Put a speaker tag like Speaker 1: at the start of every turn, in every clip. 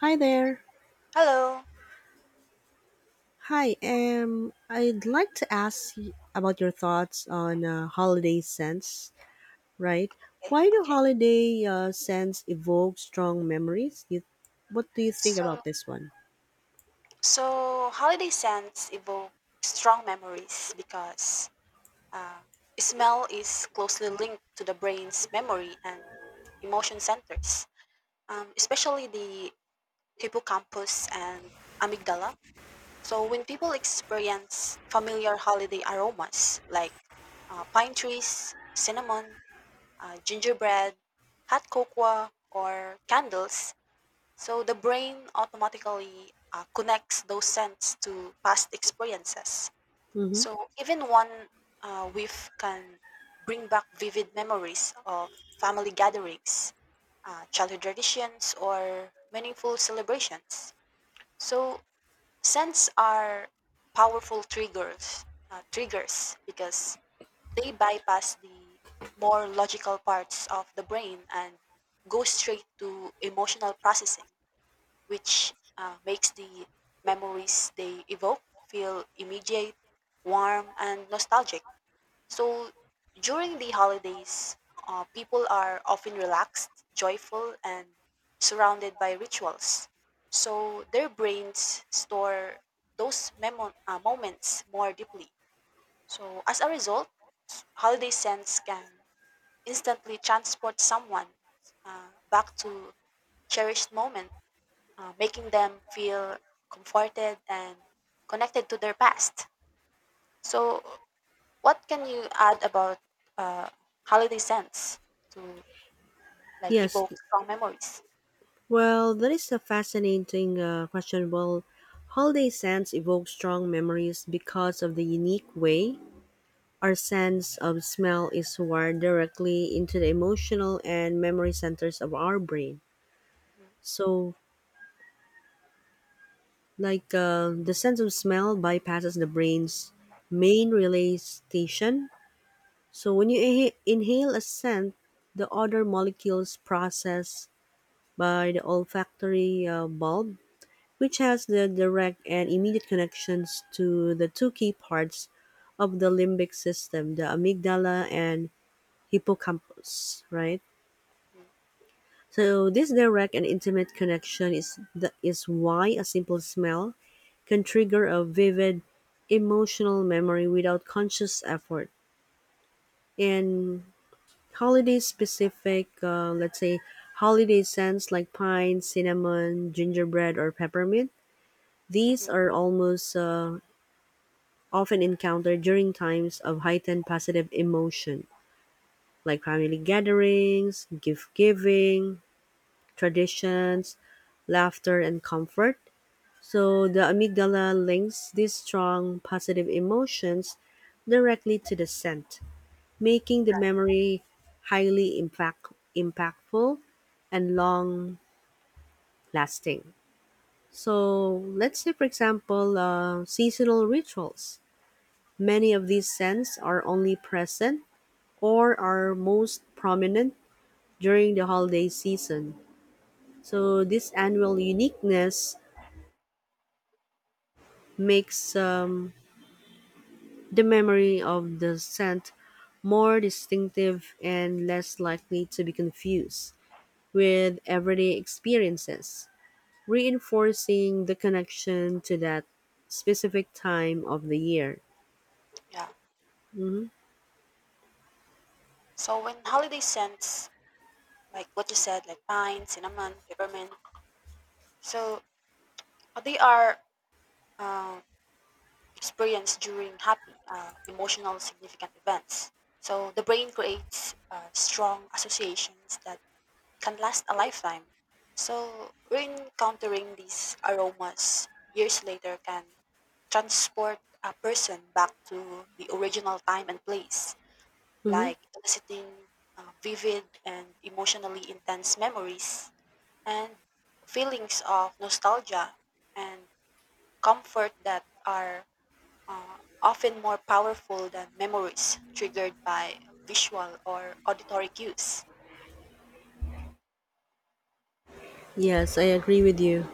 Speaker 1: Hi there.
Speaker 2: Hello.
Speaker 1: Hi, I'd like to about your thoughts on holiday scents, right?
Speaker 2: Okay.
Speaker 1: Why do holiday scents evoke strong memories? What do you think
Speaker 2: So,
Speaker 1: about this one?
Speaker 2: so holiday scents evoke strong memories because uh, smell is closely linked to the brain's memory and emotion centers, especially the hippocampus and amygdala. So, when people experience familiar holiday aromas like pine trees, cinnamon, gingerbread, hot cocoa, or candles, the brain automatically connects those scents to past experiences.
Speaker 1: Mm-hmm.
Speaker 2: So even one whiff can bring back vivid memories of family gatherings, childhood traditions, or meaningful celebrations. So scents are powerful triggers because they bypass the more logical parts of the brain and go straight to emotional processing, which makes the memories they evoke feel immediate, warm, and nostalgic. So during the holidays, people are often relaxed, joyful, and surrounded by rituals. So their brains store those moments more deeply. So as a result, holiday scents can instantly transport someone back to cherished moments, making them feel comforted and connected to their past. So, what can you add about uh, holiday scents to like
Speaker 1: Yes,
Speaker 2: evoke strong memories?
Speaker 1: well, that is a fascinating question. Well, holiday scents evoke strong memories because of the unique way our sense of smell is wired directly into the emotional and memory centers of our brain. So, like the sense of smell bypasses the brain's main relay station. So when you inhale a scent, the odor molecules processed by the olfactory bulb, which has the direct and immediate connections to the two key parts of the limbic system, the amygdala and hippocampus, right?
Speaker 2: hmm
Speaker 1: So this direct and intimate connection is why a simple smell can trigger a vivid emotional memory without conscious effort. In holiday specific, let's say holiday scents like pine, cinnamon, gingerbread, or peppermint,
Speaker 2: hmm
Speaker 1: these are almost often encountered during times of heightened positive emotion, like family gatherings, gift giving, traditions, laughter, and comfort. So the amygdala links these strong positive emotions directly to the scent, making the memory impactful and long lasting. So let's say, for example, seasonal rituals. Many of these scents are only present or are most prominent during the holiday season. So this annual uniqueness makes the memory of the scent more distinctive and less likely to be confused with everyday experiences, reinforcing the connection to that specific time of the year.
Speaker 2: Yeah.
Speaker 1: Mhm,
Speaker 2: So when holiday scents, like what you said, like pine, cinnamon, peppermint, so they are uh, experienced during happy, emotional, significant events. So the brain creates strong associations that can last a lifetime. So re-encountering these aromas years later can transport a person back to the original time and place,
Speaker 1: mhm.
Speaker 2: like eliciting vivid and emotionally intense memories and feelings of nostalgia and comfort that are often more powerful than memories triggered by visual or auditory cues.
Speaker 1: Yes, I agree with you.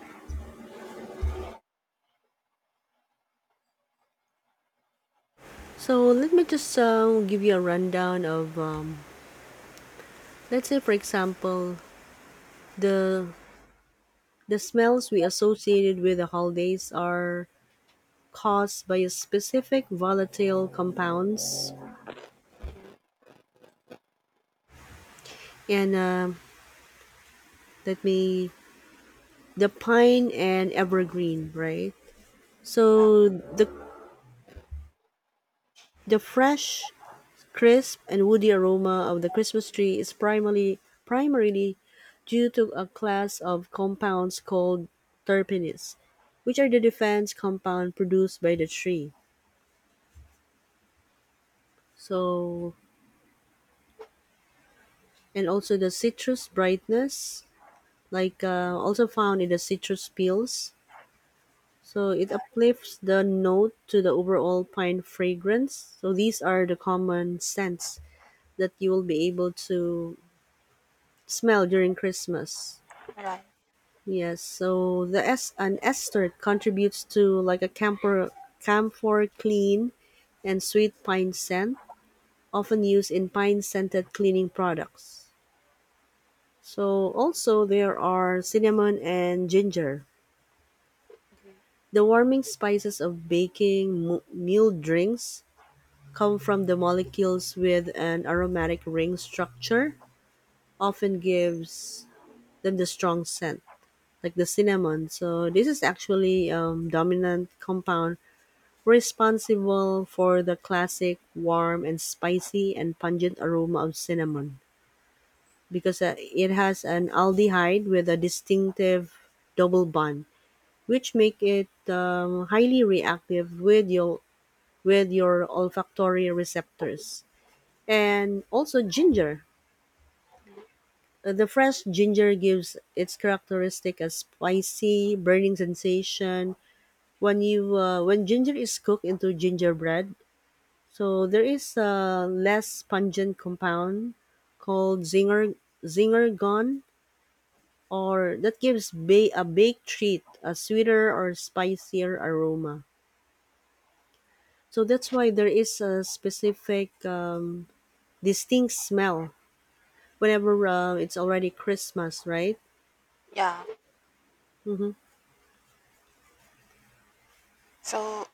Speaker 1: So let me just give you a rundown of, let's say, for example, the the smells we associated with the holidays are caused by a specific volatile compounds and let me the pine and evergreen, right?
Speaker 2: Yeah,
Speaker 1: So the fresh, crisp, and woody aroma of the Christmas tree is primarily due to a class of compounds called terpenes, which are the defense compound produced by the tree. So and also the citrus brightness, like also found in the citrus peels. So it uplifts the note to the overall pine fragrance. So these are the common scents that you will be able to smell during Christmas.
Speaker 2: yeah, right.
Speaker 1: Yes, so the an ester contributes to like a camphor clean and sweet pine scent, often used in pine scented cleaning products. So also there are cinnamon and ginger.
Speaker 2: Mhm,
Speaker 1: The warming spices of baking, meal drinks, come from the molecules with an aromatic ring structure often gives them the strong scent like the cinnamon. So this is actually dominant compound responsible for the classic warm and spicy and pungent aroma of cinnamon, because it has an aldehyde with a distinctive double bond which make it highly reactive with your olfactory receptors, and also ginger.
Speaker 2: mhm.
Speaker 1: The fresh ginger gives its characteristic a spicy, burning sensation when you when ginger is cooked into gingerbread. So there is a less pungent compound called zingergon, or that gives a baked treat a sweeter or spicier aroma. So that's why there is a specific distinct smell whenever it's already Christmas, right?
Speaker 2: Yeah.
Speaker 1: Hmm.
Speaker 2: So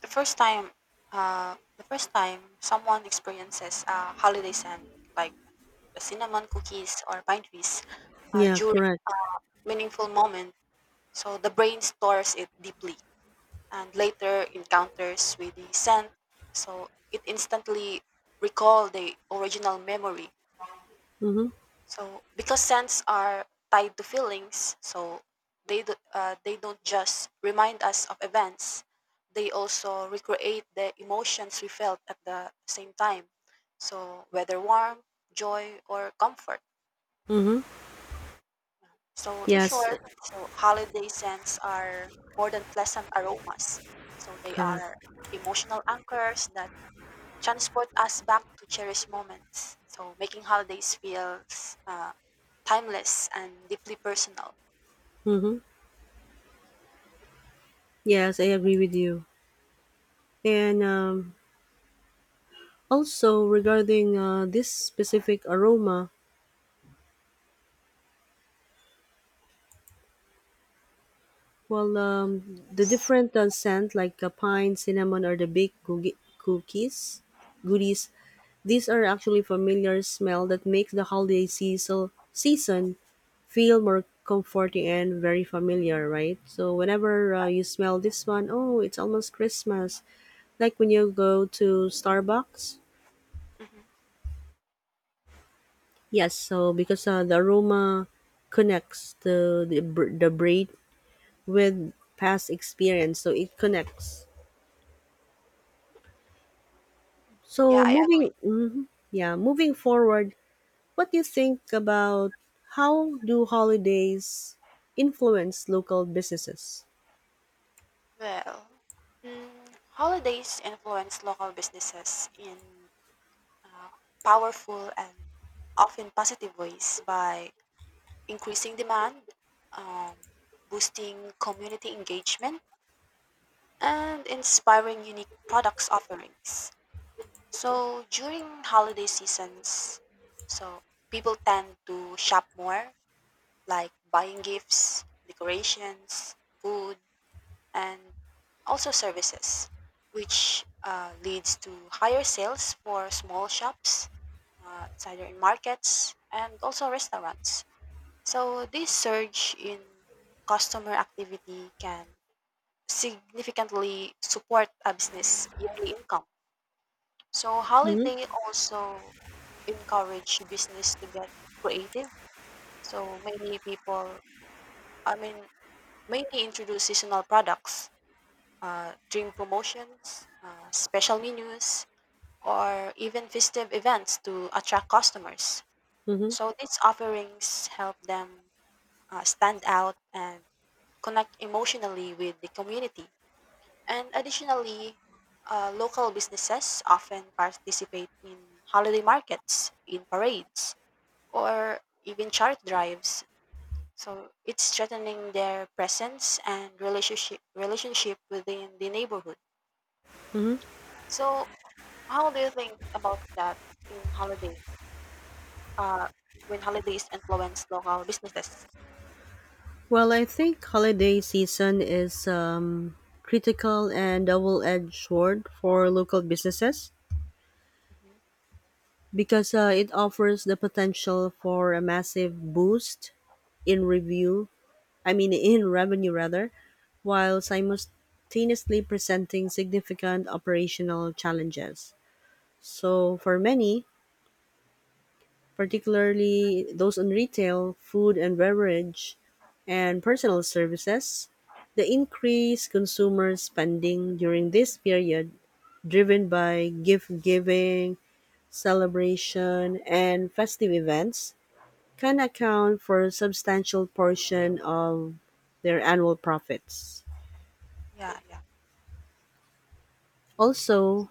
Speaker 2: the first time, the first time someone experiences a holiday scent like the cinnamon cookies or pine trees
Speaker 1: Yeah,
Speaker 2: during
Speaker 1: correct.
Speaker 2: meaningful moment, so the brain stores it deeply and later encounters with the scent, so it instantly recall the original memory.
Speaker 1: Mm-hmm.
Speaker 2: So because scents are tied to feelings, so they don't just remind us of events. They also recreate the emotions we felt at the same time. So whether warmth, joy, or comfort.
Speaker 1: Mm-hmm.
Speaker 2: So in
Speaker 1: Yes,
Speaker 2: short, so holiday scents are more than pleasant aromas. So they are
Speaker 1: correct.
Speaker 2: emotional anchors that transport us back to cherished moments. So making holidays feels timeless and deeply personal.
Speaker 1: Mm-hmm. Yes, I agree with you. And also regarding this specific aroma, well, the
Speaker 2: S
Speaker 1: different scent like pine, cinnamon, or the baked cookies, goodies, these are actually familiar smell that makes the holiday season feel more comforting and very familiar, right? So whenever you smell this one, oh, it's almost Christmas. Like when you go to Starbucks?
Speaker 2: mhm.
Speaker 1: Yes, so because the aroma connects to the brain with past experience, so it connects.
Speaker 2: Yeah,
Speaker 1: So
Speaker 2: I
Speaker 1: moving,
Speaker 2: agree.
Speaker 1: mhm, yeah, moving forward, what do you think about how do holidays influence local businesses?
Speaker 2: Well, mm, holidays influence local businesses in uh, powerful and often positive ways by increasing demand, um, boosting community engagement, and inspiring unique products offerings. So during holiday seasons, so people tend to shop more, like buying gifts, decorations, food, and also services, which leads to higher sales for small shops. It's either in markets and also restaurants. So this surge in customer activity can significantly support a business yearly income. So
Speaker 1: Hmm.
Speaker 2: holiday also encourage business to get creative. So many people, I mean, many introduce seasonal products, drink promotions, special menus, or even festive events to attract customers.
Speaker 1: Hmm.
Speaker 2: So these offerings help them stand out and connect emotionally with the community. And additionally, local businesses often participate in holiday markets, in parades, or even charity drives. So it's strengthening their presence and relationship within the neighborhood. So, how do you think about that in holidays? Uh, when holidays influence local businesses?
Speaker 1: Well, I think holiday season is critical and double-edged sword for local businesses,
Speaker 2: hmm
Speaker 1: because it offers the potential for a massive boost in review I mean in revenue rather, while simultaneously presenting significant operational challenges. So for many, particularly those in retail, food and beverage, and personal services, the increased consumer spending during this period, driven by gift giving, celebration, and festive events, can account for a substantial portion of their annual profits.
Speaker 2: Yeah, yeah,
Speaker 1: Also,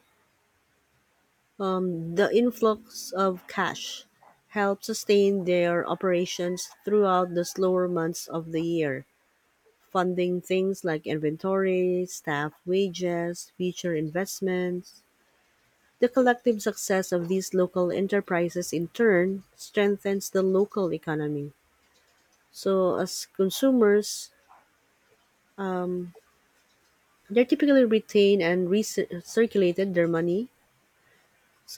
Speaker 1: the influx of cash helps sustain their operations throughout the slower months of the year, funding things like inventory, staff wages, future investments. The collective success of these local enterprises in turn strengthens the local economy. So, as consumers, um, they typically retain and recirculated their money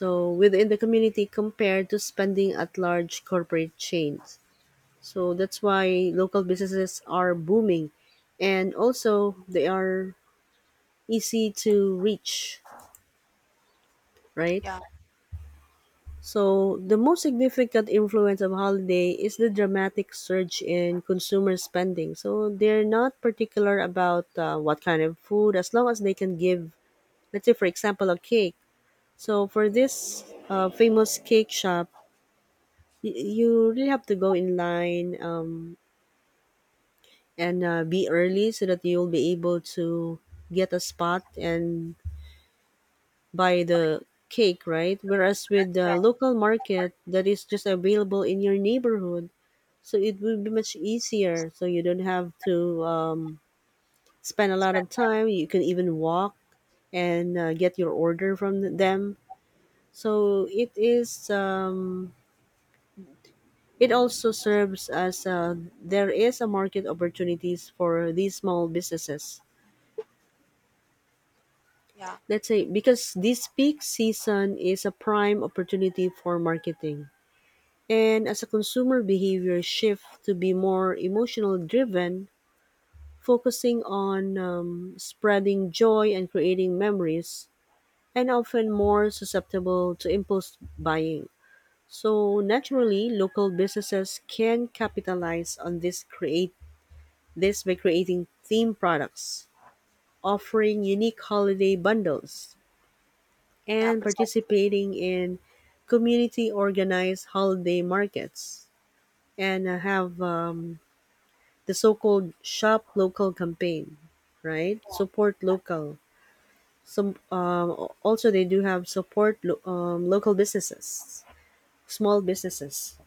Speaker 2: hmm
Speaker 1: within the community compared to spending at large corporate chains. So that's why local businesses are booming, and also they are easy to reach, right?
Speaker 2: yeah.
Speaker 1: So the most significant influence of holiday is the dramatic surge in consumer spending. So they're not particular about what kind of food as long as they can give, let's say for example a cake. So for this famous cake shop, you really have to go in line, and be early so that you'll be able to get a spot and buy the cake, right? Whereas with the
Speaker 2: Right.
Speaker 1: local market that is just available in your neighborhood, so it will be much easier. So you don't have to spend a lot of time. You can even walk and get your order from them. So it is. It also serves as there is a market opportunities for these small businesses.
Speaker 2: Yeah,
Speaker 1: Let's say because this peak season is a prime opportunity for marketing. And as a consumer behavior shift to be more emotional driven, focusing on spreading joy and creating memories, and often more susceptible to impulse buying. So naturally, local businesses can capitalize on this create. This by creating theme products, offering unique holiday bundles,
Speaker 2: yeah,
Speaker 1: and
Speaker 2: precisely.
Speaker 1: participating in community organized holiday markets, and have the so-called shop local campaign, right, support local. Some also they do have local businesses, small businesses.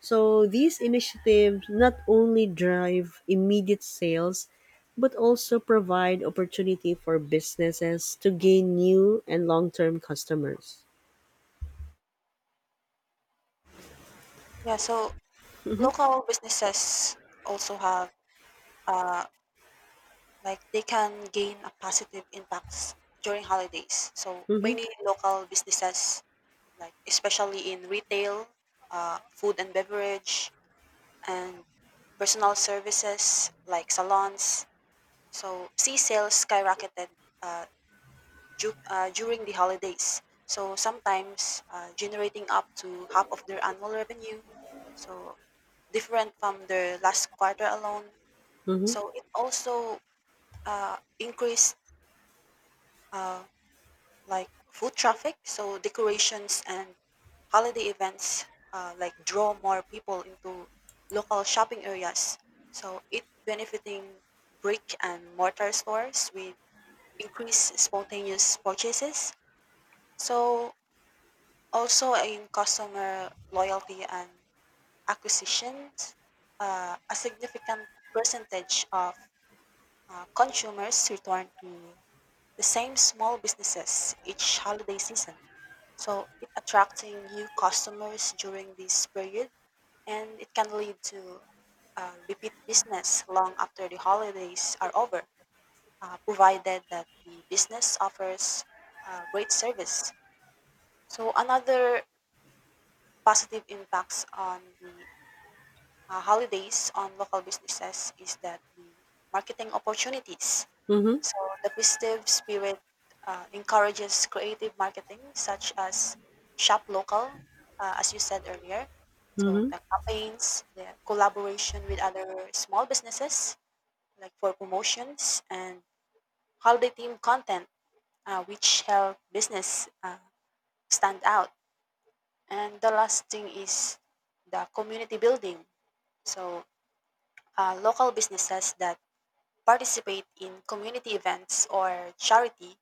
Speaker 1: So these initiatives not only drive immediate sales, but also provide opportunity for businesses to gain new and long-term customers.
Speaker 2: Yeah, so local businesses also have uh, like they can gain a positive impacts during holidays. So
Speaker 1: Mm-hmm,
Speaker 2: many local businesses, like especially in retail, food and beverage, and personal services like salons. So sea sales skyrocketed, uh, during the holidays. So sometimes generating up to half of their annual revenue. So different from their last quarter alone.
Speaker 1: mm-hmm,
Speaker 2: So it also increased uh, like food traffic. So decorations and holiday events like draw more people into local shopping areas. So it benefiting brick and mortar stores with increase spontaneous purchases. So also in customer loyalty and acquisitions, a significant percentage of consumers return to the same small businesses each holiday season. So it attracting new customers during this period, and it can lead to repeat business long after the holidays are over, provided that the business offers great service. So another positive impacts on the holidays on local businesses is that the marketing opportunities.
Speaker 1: mm-hmm,
Speaker 2: So the festive spirit encourages creative marketing such as shop local, as you said earlier. So
Speaker 1: mm-hmm,
Speaker 2: the campaigns, the collaboration with other small businesses like for promotions and holiday themed content, which help business stand out. And the last thing is the community building. So, local businesses that participate in community events or charity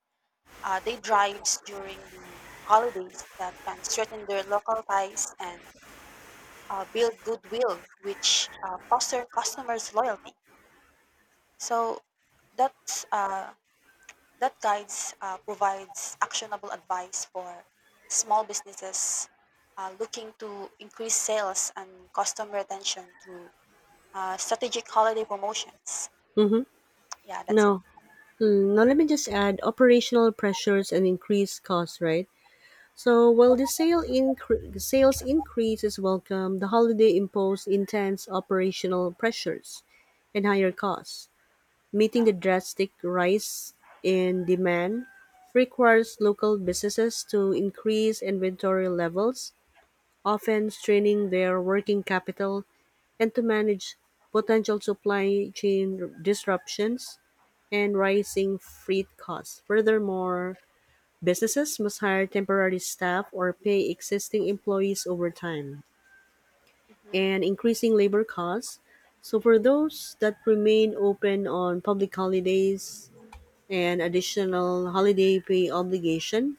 Speaker 2: day drives during the holidays that can strengthen their local ties and build goodwill, which foster customers' loyalty. So, that's uh, That guides, provides actionable advice for small businesses looking to increase sales and customer retention through strategic holiday promotions.
Speaker 1: mm-hmm.
Speaker 2: Yeah, that's it.
Speaker 1: Now, mm, now let me just add operational pressures and increased costs, right? So while the sales increase is welcome, the holiday imposed intense operational pressures and higher costs. Meeting the
Speaker 2: Yeah.
Speaker 1: drastic rise in demand requires local businesses to increase inventory levels, often straining their working capital, and to manage potential supply chain disruptions and rising freight costs. Furthermore, businesses must hire temporary staff or pay existing employees overtime
Speaker 2: hmm
Speaker 1: and increasing labor costs. So, for those that remain open on public holidays, and additional holiday pay obligation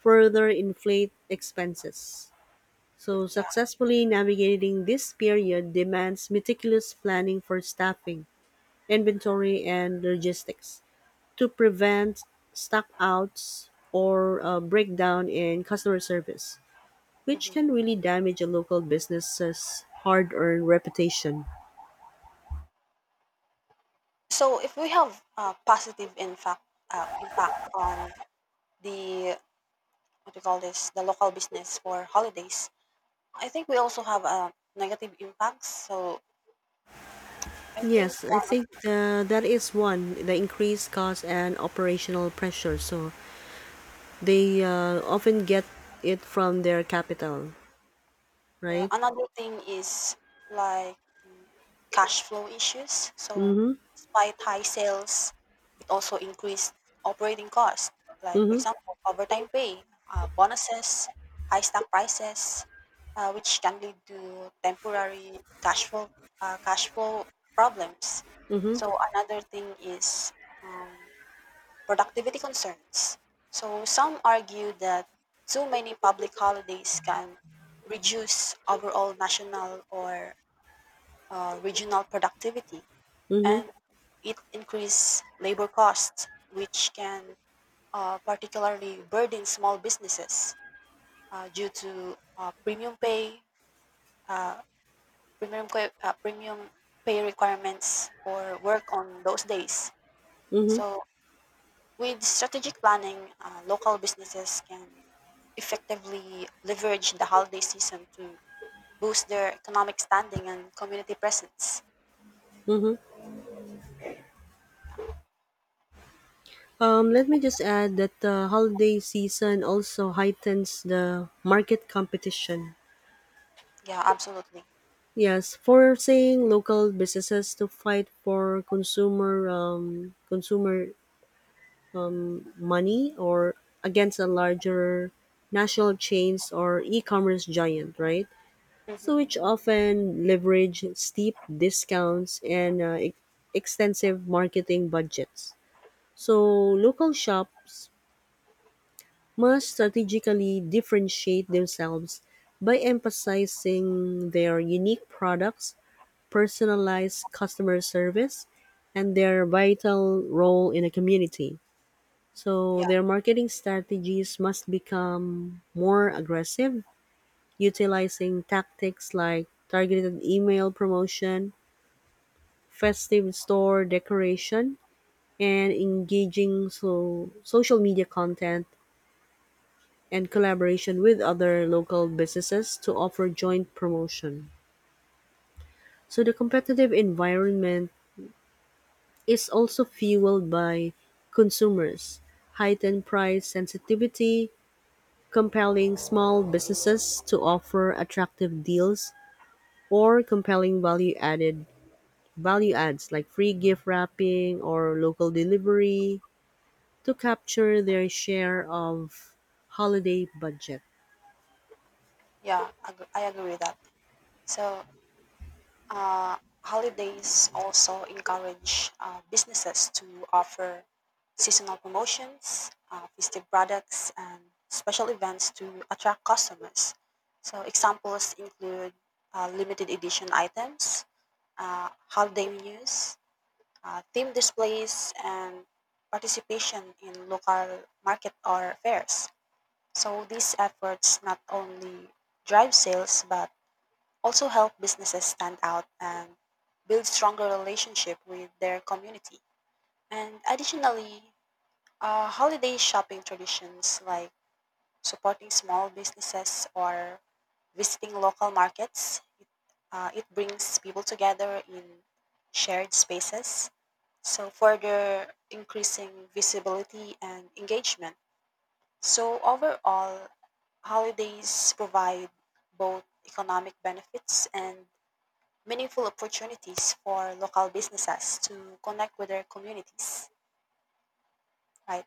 Speaker 1: further inflate expenses. So,
Speaker 2: Yeah.
Speaker 1: successfully navigating this period demands meticulous planning for staffing, inventory, and logistics to prevent stockouts or a breakdown in customer service, which can
Speaker 2: hmm
Speaker 1: really damage a local business's hard earned reputation.
Speaker 2: So if we have uh, positive impact on the what do you call this the local business for holidays, I think we also have negative impacts. So I think.
Speaker 1: Yes, I think that is one, the increased cost and operational pressure. So, they often get it from their capital,
Speaker 2: Yeah,
Speaker 1: right?
Speaker 2: another thing is like the cash flow issues. So
Speaker 1: Mm-hmm.
Speaker 2: despite high sales, it also increased operating costs. Like for
Speaker 1: Mm-hmm.
Speaker 2: example, overtime pay, bonuses, high stock prices, which can lead to temporary cash flow problems.
Speaker 1: Mm-hmm.
Speaker 2: So another thing is um, productivity concerns. So some argue that too many public holidays can reduce overall national or regional productivity,
Speaker 1: Mm-hmm.
Speaker 2: and it increase labor costs, which can particularly burden small businesses due to premium pay, uh, premium que- premium pay requirements for work on those days.
Speaker 1: Mm-hmm.
Speaker 2: So with strategic planning, local businesses can effectively leverage the holiday season to boost their economic standing and community presence.
Speaker 1: Let me just add that the holiday season also heightens the market competition.
Speaker 2: Yeah, absolutely.
Speaker 1: Yes, forcing local businesses to fight for consumer money, or against a larger national chains or e-commerce giant, right?
Speaker 2: hmm
Speaker 1: So which often leverage steep discounts and extensive marketing budgets. So local shops must strategically differentiate themselves by emphasizing their unique products, personalized customer service, and their vital role in a community. So
Speaker 2: Yeah,
Speaker 1: their marketing strategies must become more aggressive, utilizing tactics like targeted email promotion, festive store decoration, and engaging social media content and collaboration with other local businesses to offer joint promotion. So the competitive environment is also fueled by consumers, heightened price sensitivity, compelling small businesses to offer attractive deals or compelling value adds like free gift wrapping or local delivery to capture their share of holiday budget.
Speaker 2: yeah, I agree with that. So, uh, holidays also encourage businesses to offer seasonal promotions, festive products, and special events to attract customers. So, examples include limited edition items, holiday menus, team displays, and participation in local market or fairs. So these efforts not only drive sales but also help businesses stand out and build stronger relationship with their community. And additionally, holiday shopping traditions like supporting small businesses or visiting local markets, it brings people together in shared spaces, so further increasing visibility and engagement. So, overall, holidays provide both economic benefits and meaningful opportunities for local businesses to connect with their communities. Right?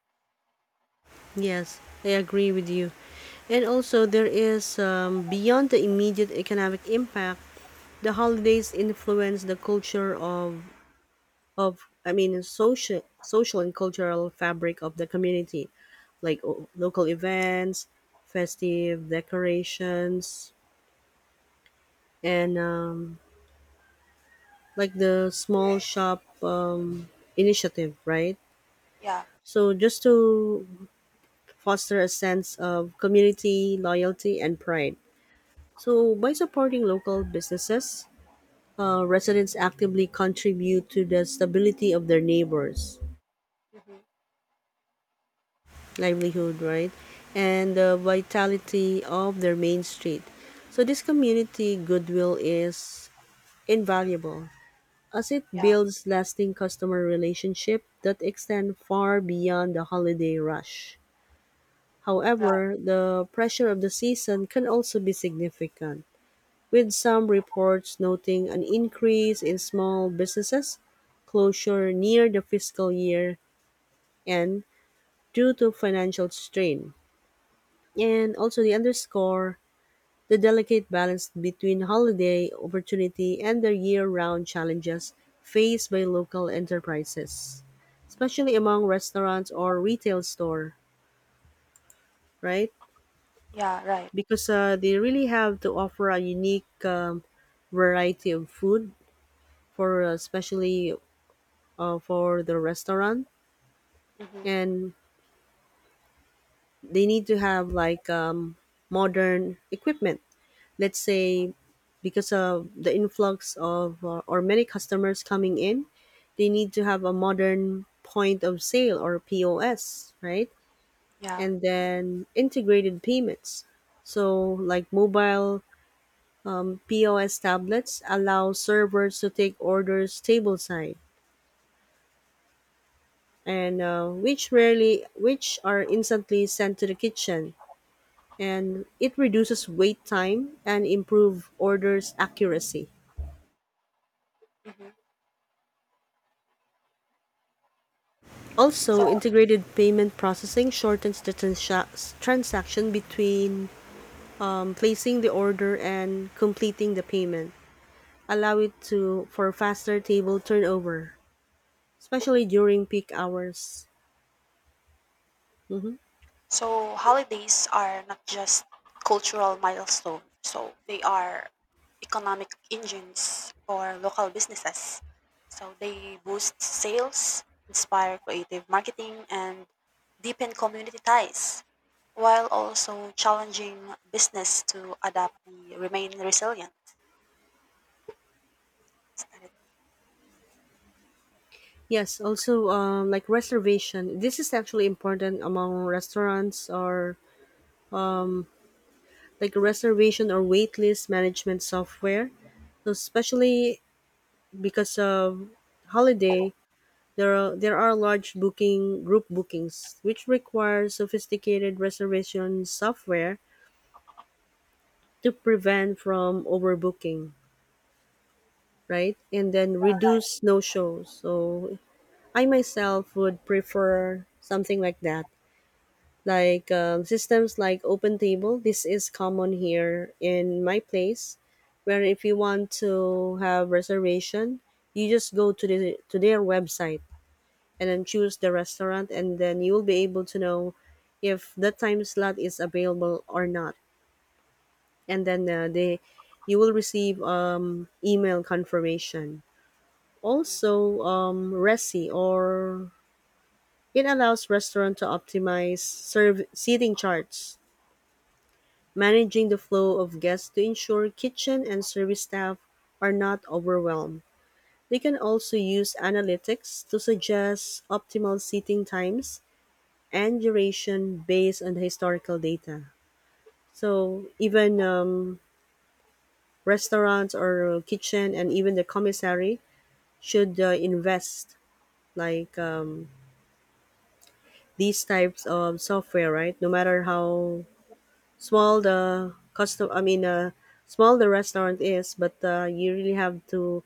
Speaker 1: Yes, I agree with you. And also, there is beyond the immediate economic impact, the holidays influence the culture of I mean social and cultural fabric of the community, like local events, festive decorations, and like the small shop initiative, right?
Speaker 2: Yeah.
Speaker 1: So just to foster a sense of community, loyalty, and pride. So, by supporting local businesses, residents actively contribute to the stability of their neighbors'
Speaker 2: hmm
Speaker 1: livelihood, right? And the vitality of their main street. So, this community goodwill is invaluable as it
Speaker 2: Yeah.
Speaker 1: builds lasting customer relationship that extend far beyond the holiday rush.
Speaker 2: Right.
Speaker 1: However, the pressure of the season can also be significant, with some reports noting an increase in small businesses closure near the fiscal year end due to financial strain. And also they underscore the delicate balance between holiday opportunity and the year-round challenges faced by local enterprises, especially among restaurants or retail store, right?
Speaker 2: Yeah. Right.
Speaker 1: Because they really have to offer a unique variety of food for especially for the restaurant,
Speaker 2: hmm
Speaker 1: and they need to have modern equipment, let's say, because of the influx of or many customers coming in. They need to have a modern point of sale or POS, right?
Speaker 2: Yeah.
Speaker 1: And then integrated payments, so like mobile, POS tablets allow servers to take orders tableside, and which are instantly sent to the kitchen, and it reduces wait time and improve orders accuracy.
Speaker 2: hmm So,
Speaker 1: Also, integrated payment processing shortens the transaction between placing the order and completing the payment, allow it to for faster table turnover, especially during peak hours. Mhm.
Speaker 2: So holidays are not just cultural milestones. So they are economic engines for local businesses. So they boost sales, inspire creative marketing, and deepen community ties, while also challenging business to adapt the remain resilient.
Speaker 1: Yes, also like reservation. This is actually important among restaurants, or like reservation or waitlist management software. So especially because of holiday, there are large booking group bookings which require sophisticated reservation software to prevent from overbooking, right? And then reduce no shows. So I myself would prefer something like that, like systems like OpenTable. This is common here in my place, where if you want to have reservation, you just go to their website and then choose the restaurant, and then you will be able to know if that time slot is available or not. And then they you will receive email confirmation.
Speaker 2: Mhm.
Speaker 1: Also, resi or it allows restaurant to optimize serve seating charts, managing the flow of guests to ensure kitchen and service staff are not overwhelmed. They can also use analytics to suggest optimal seating times and duration based on the historical data. So even, restaurants or kitchen and even the commissary should invest like these types of software, right? No matter how small the custom, I mean, small the restaurant is, but you really have to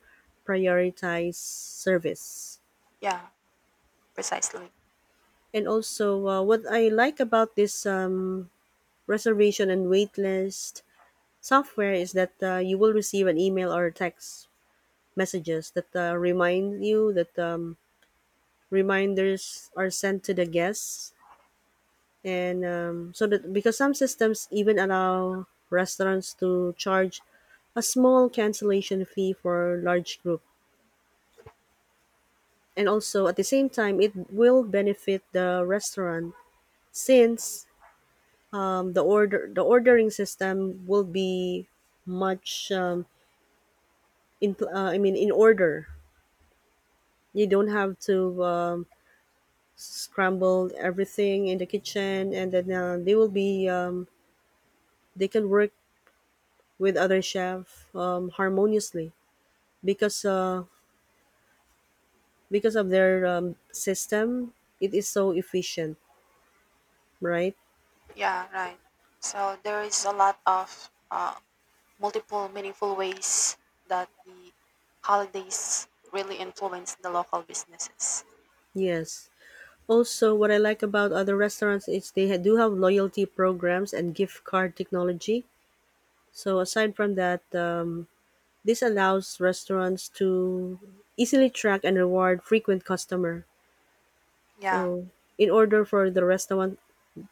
Speaker 1: prioritize service.
Speaker 2: Yeah, precisely.
Speaker 1: And also, what I like about this, reservation and waitlist software, is that you will receive an email or text messages that remind you that reminders are sent to the guests. And so that, because some systems even allow restaurants to charge a small cancellation fee for large group. And also at the same time it will benefit the restaurant, since the ordering system will be much, in I mean in order. You don't have to scramble everything in the kitchen, and then they will be they can work with other chef harmoniously, because because of their system it is so efficient, right?
Speaker 2: Yeah, right. So there is a lot of multiple meaningful ways that the holidays really influence the local businesses.
Speaker 1: Yes, also what I like about other restaurants is they do have loyalty programs and gift card technology. So aside from that, this allows restaurants to easily track and reward frequent customer.
Speaker 2: Yeah.
Speaker 1: So, in order for the restaurant,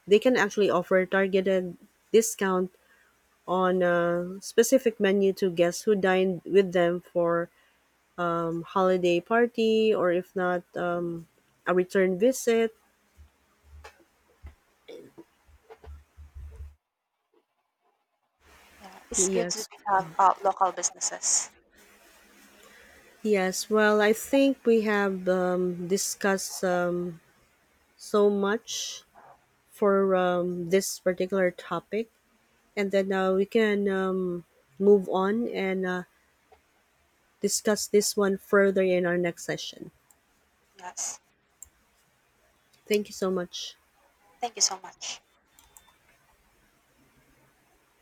Speaker 1: they can actually offer targeted discount on a specific menu to guests who dine with them for holiday party, or if not, a return visit.
Speaker 2: Yeah, it's good to
Speaker 1: Yes.
Speaker 2: we have local businesses.
Speaker 1: Yes. Well, I think we have discussed so much for this particular topic, and then we can move on and discuss this one further in our next session.
Speaker 2: Yes.
Speaker 1: Thank you so much.
Speaker 2: Thank you so much.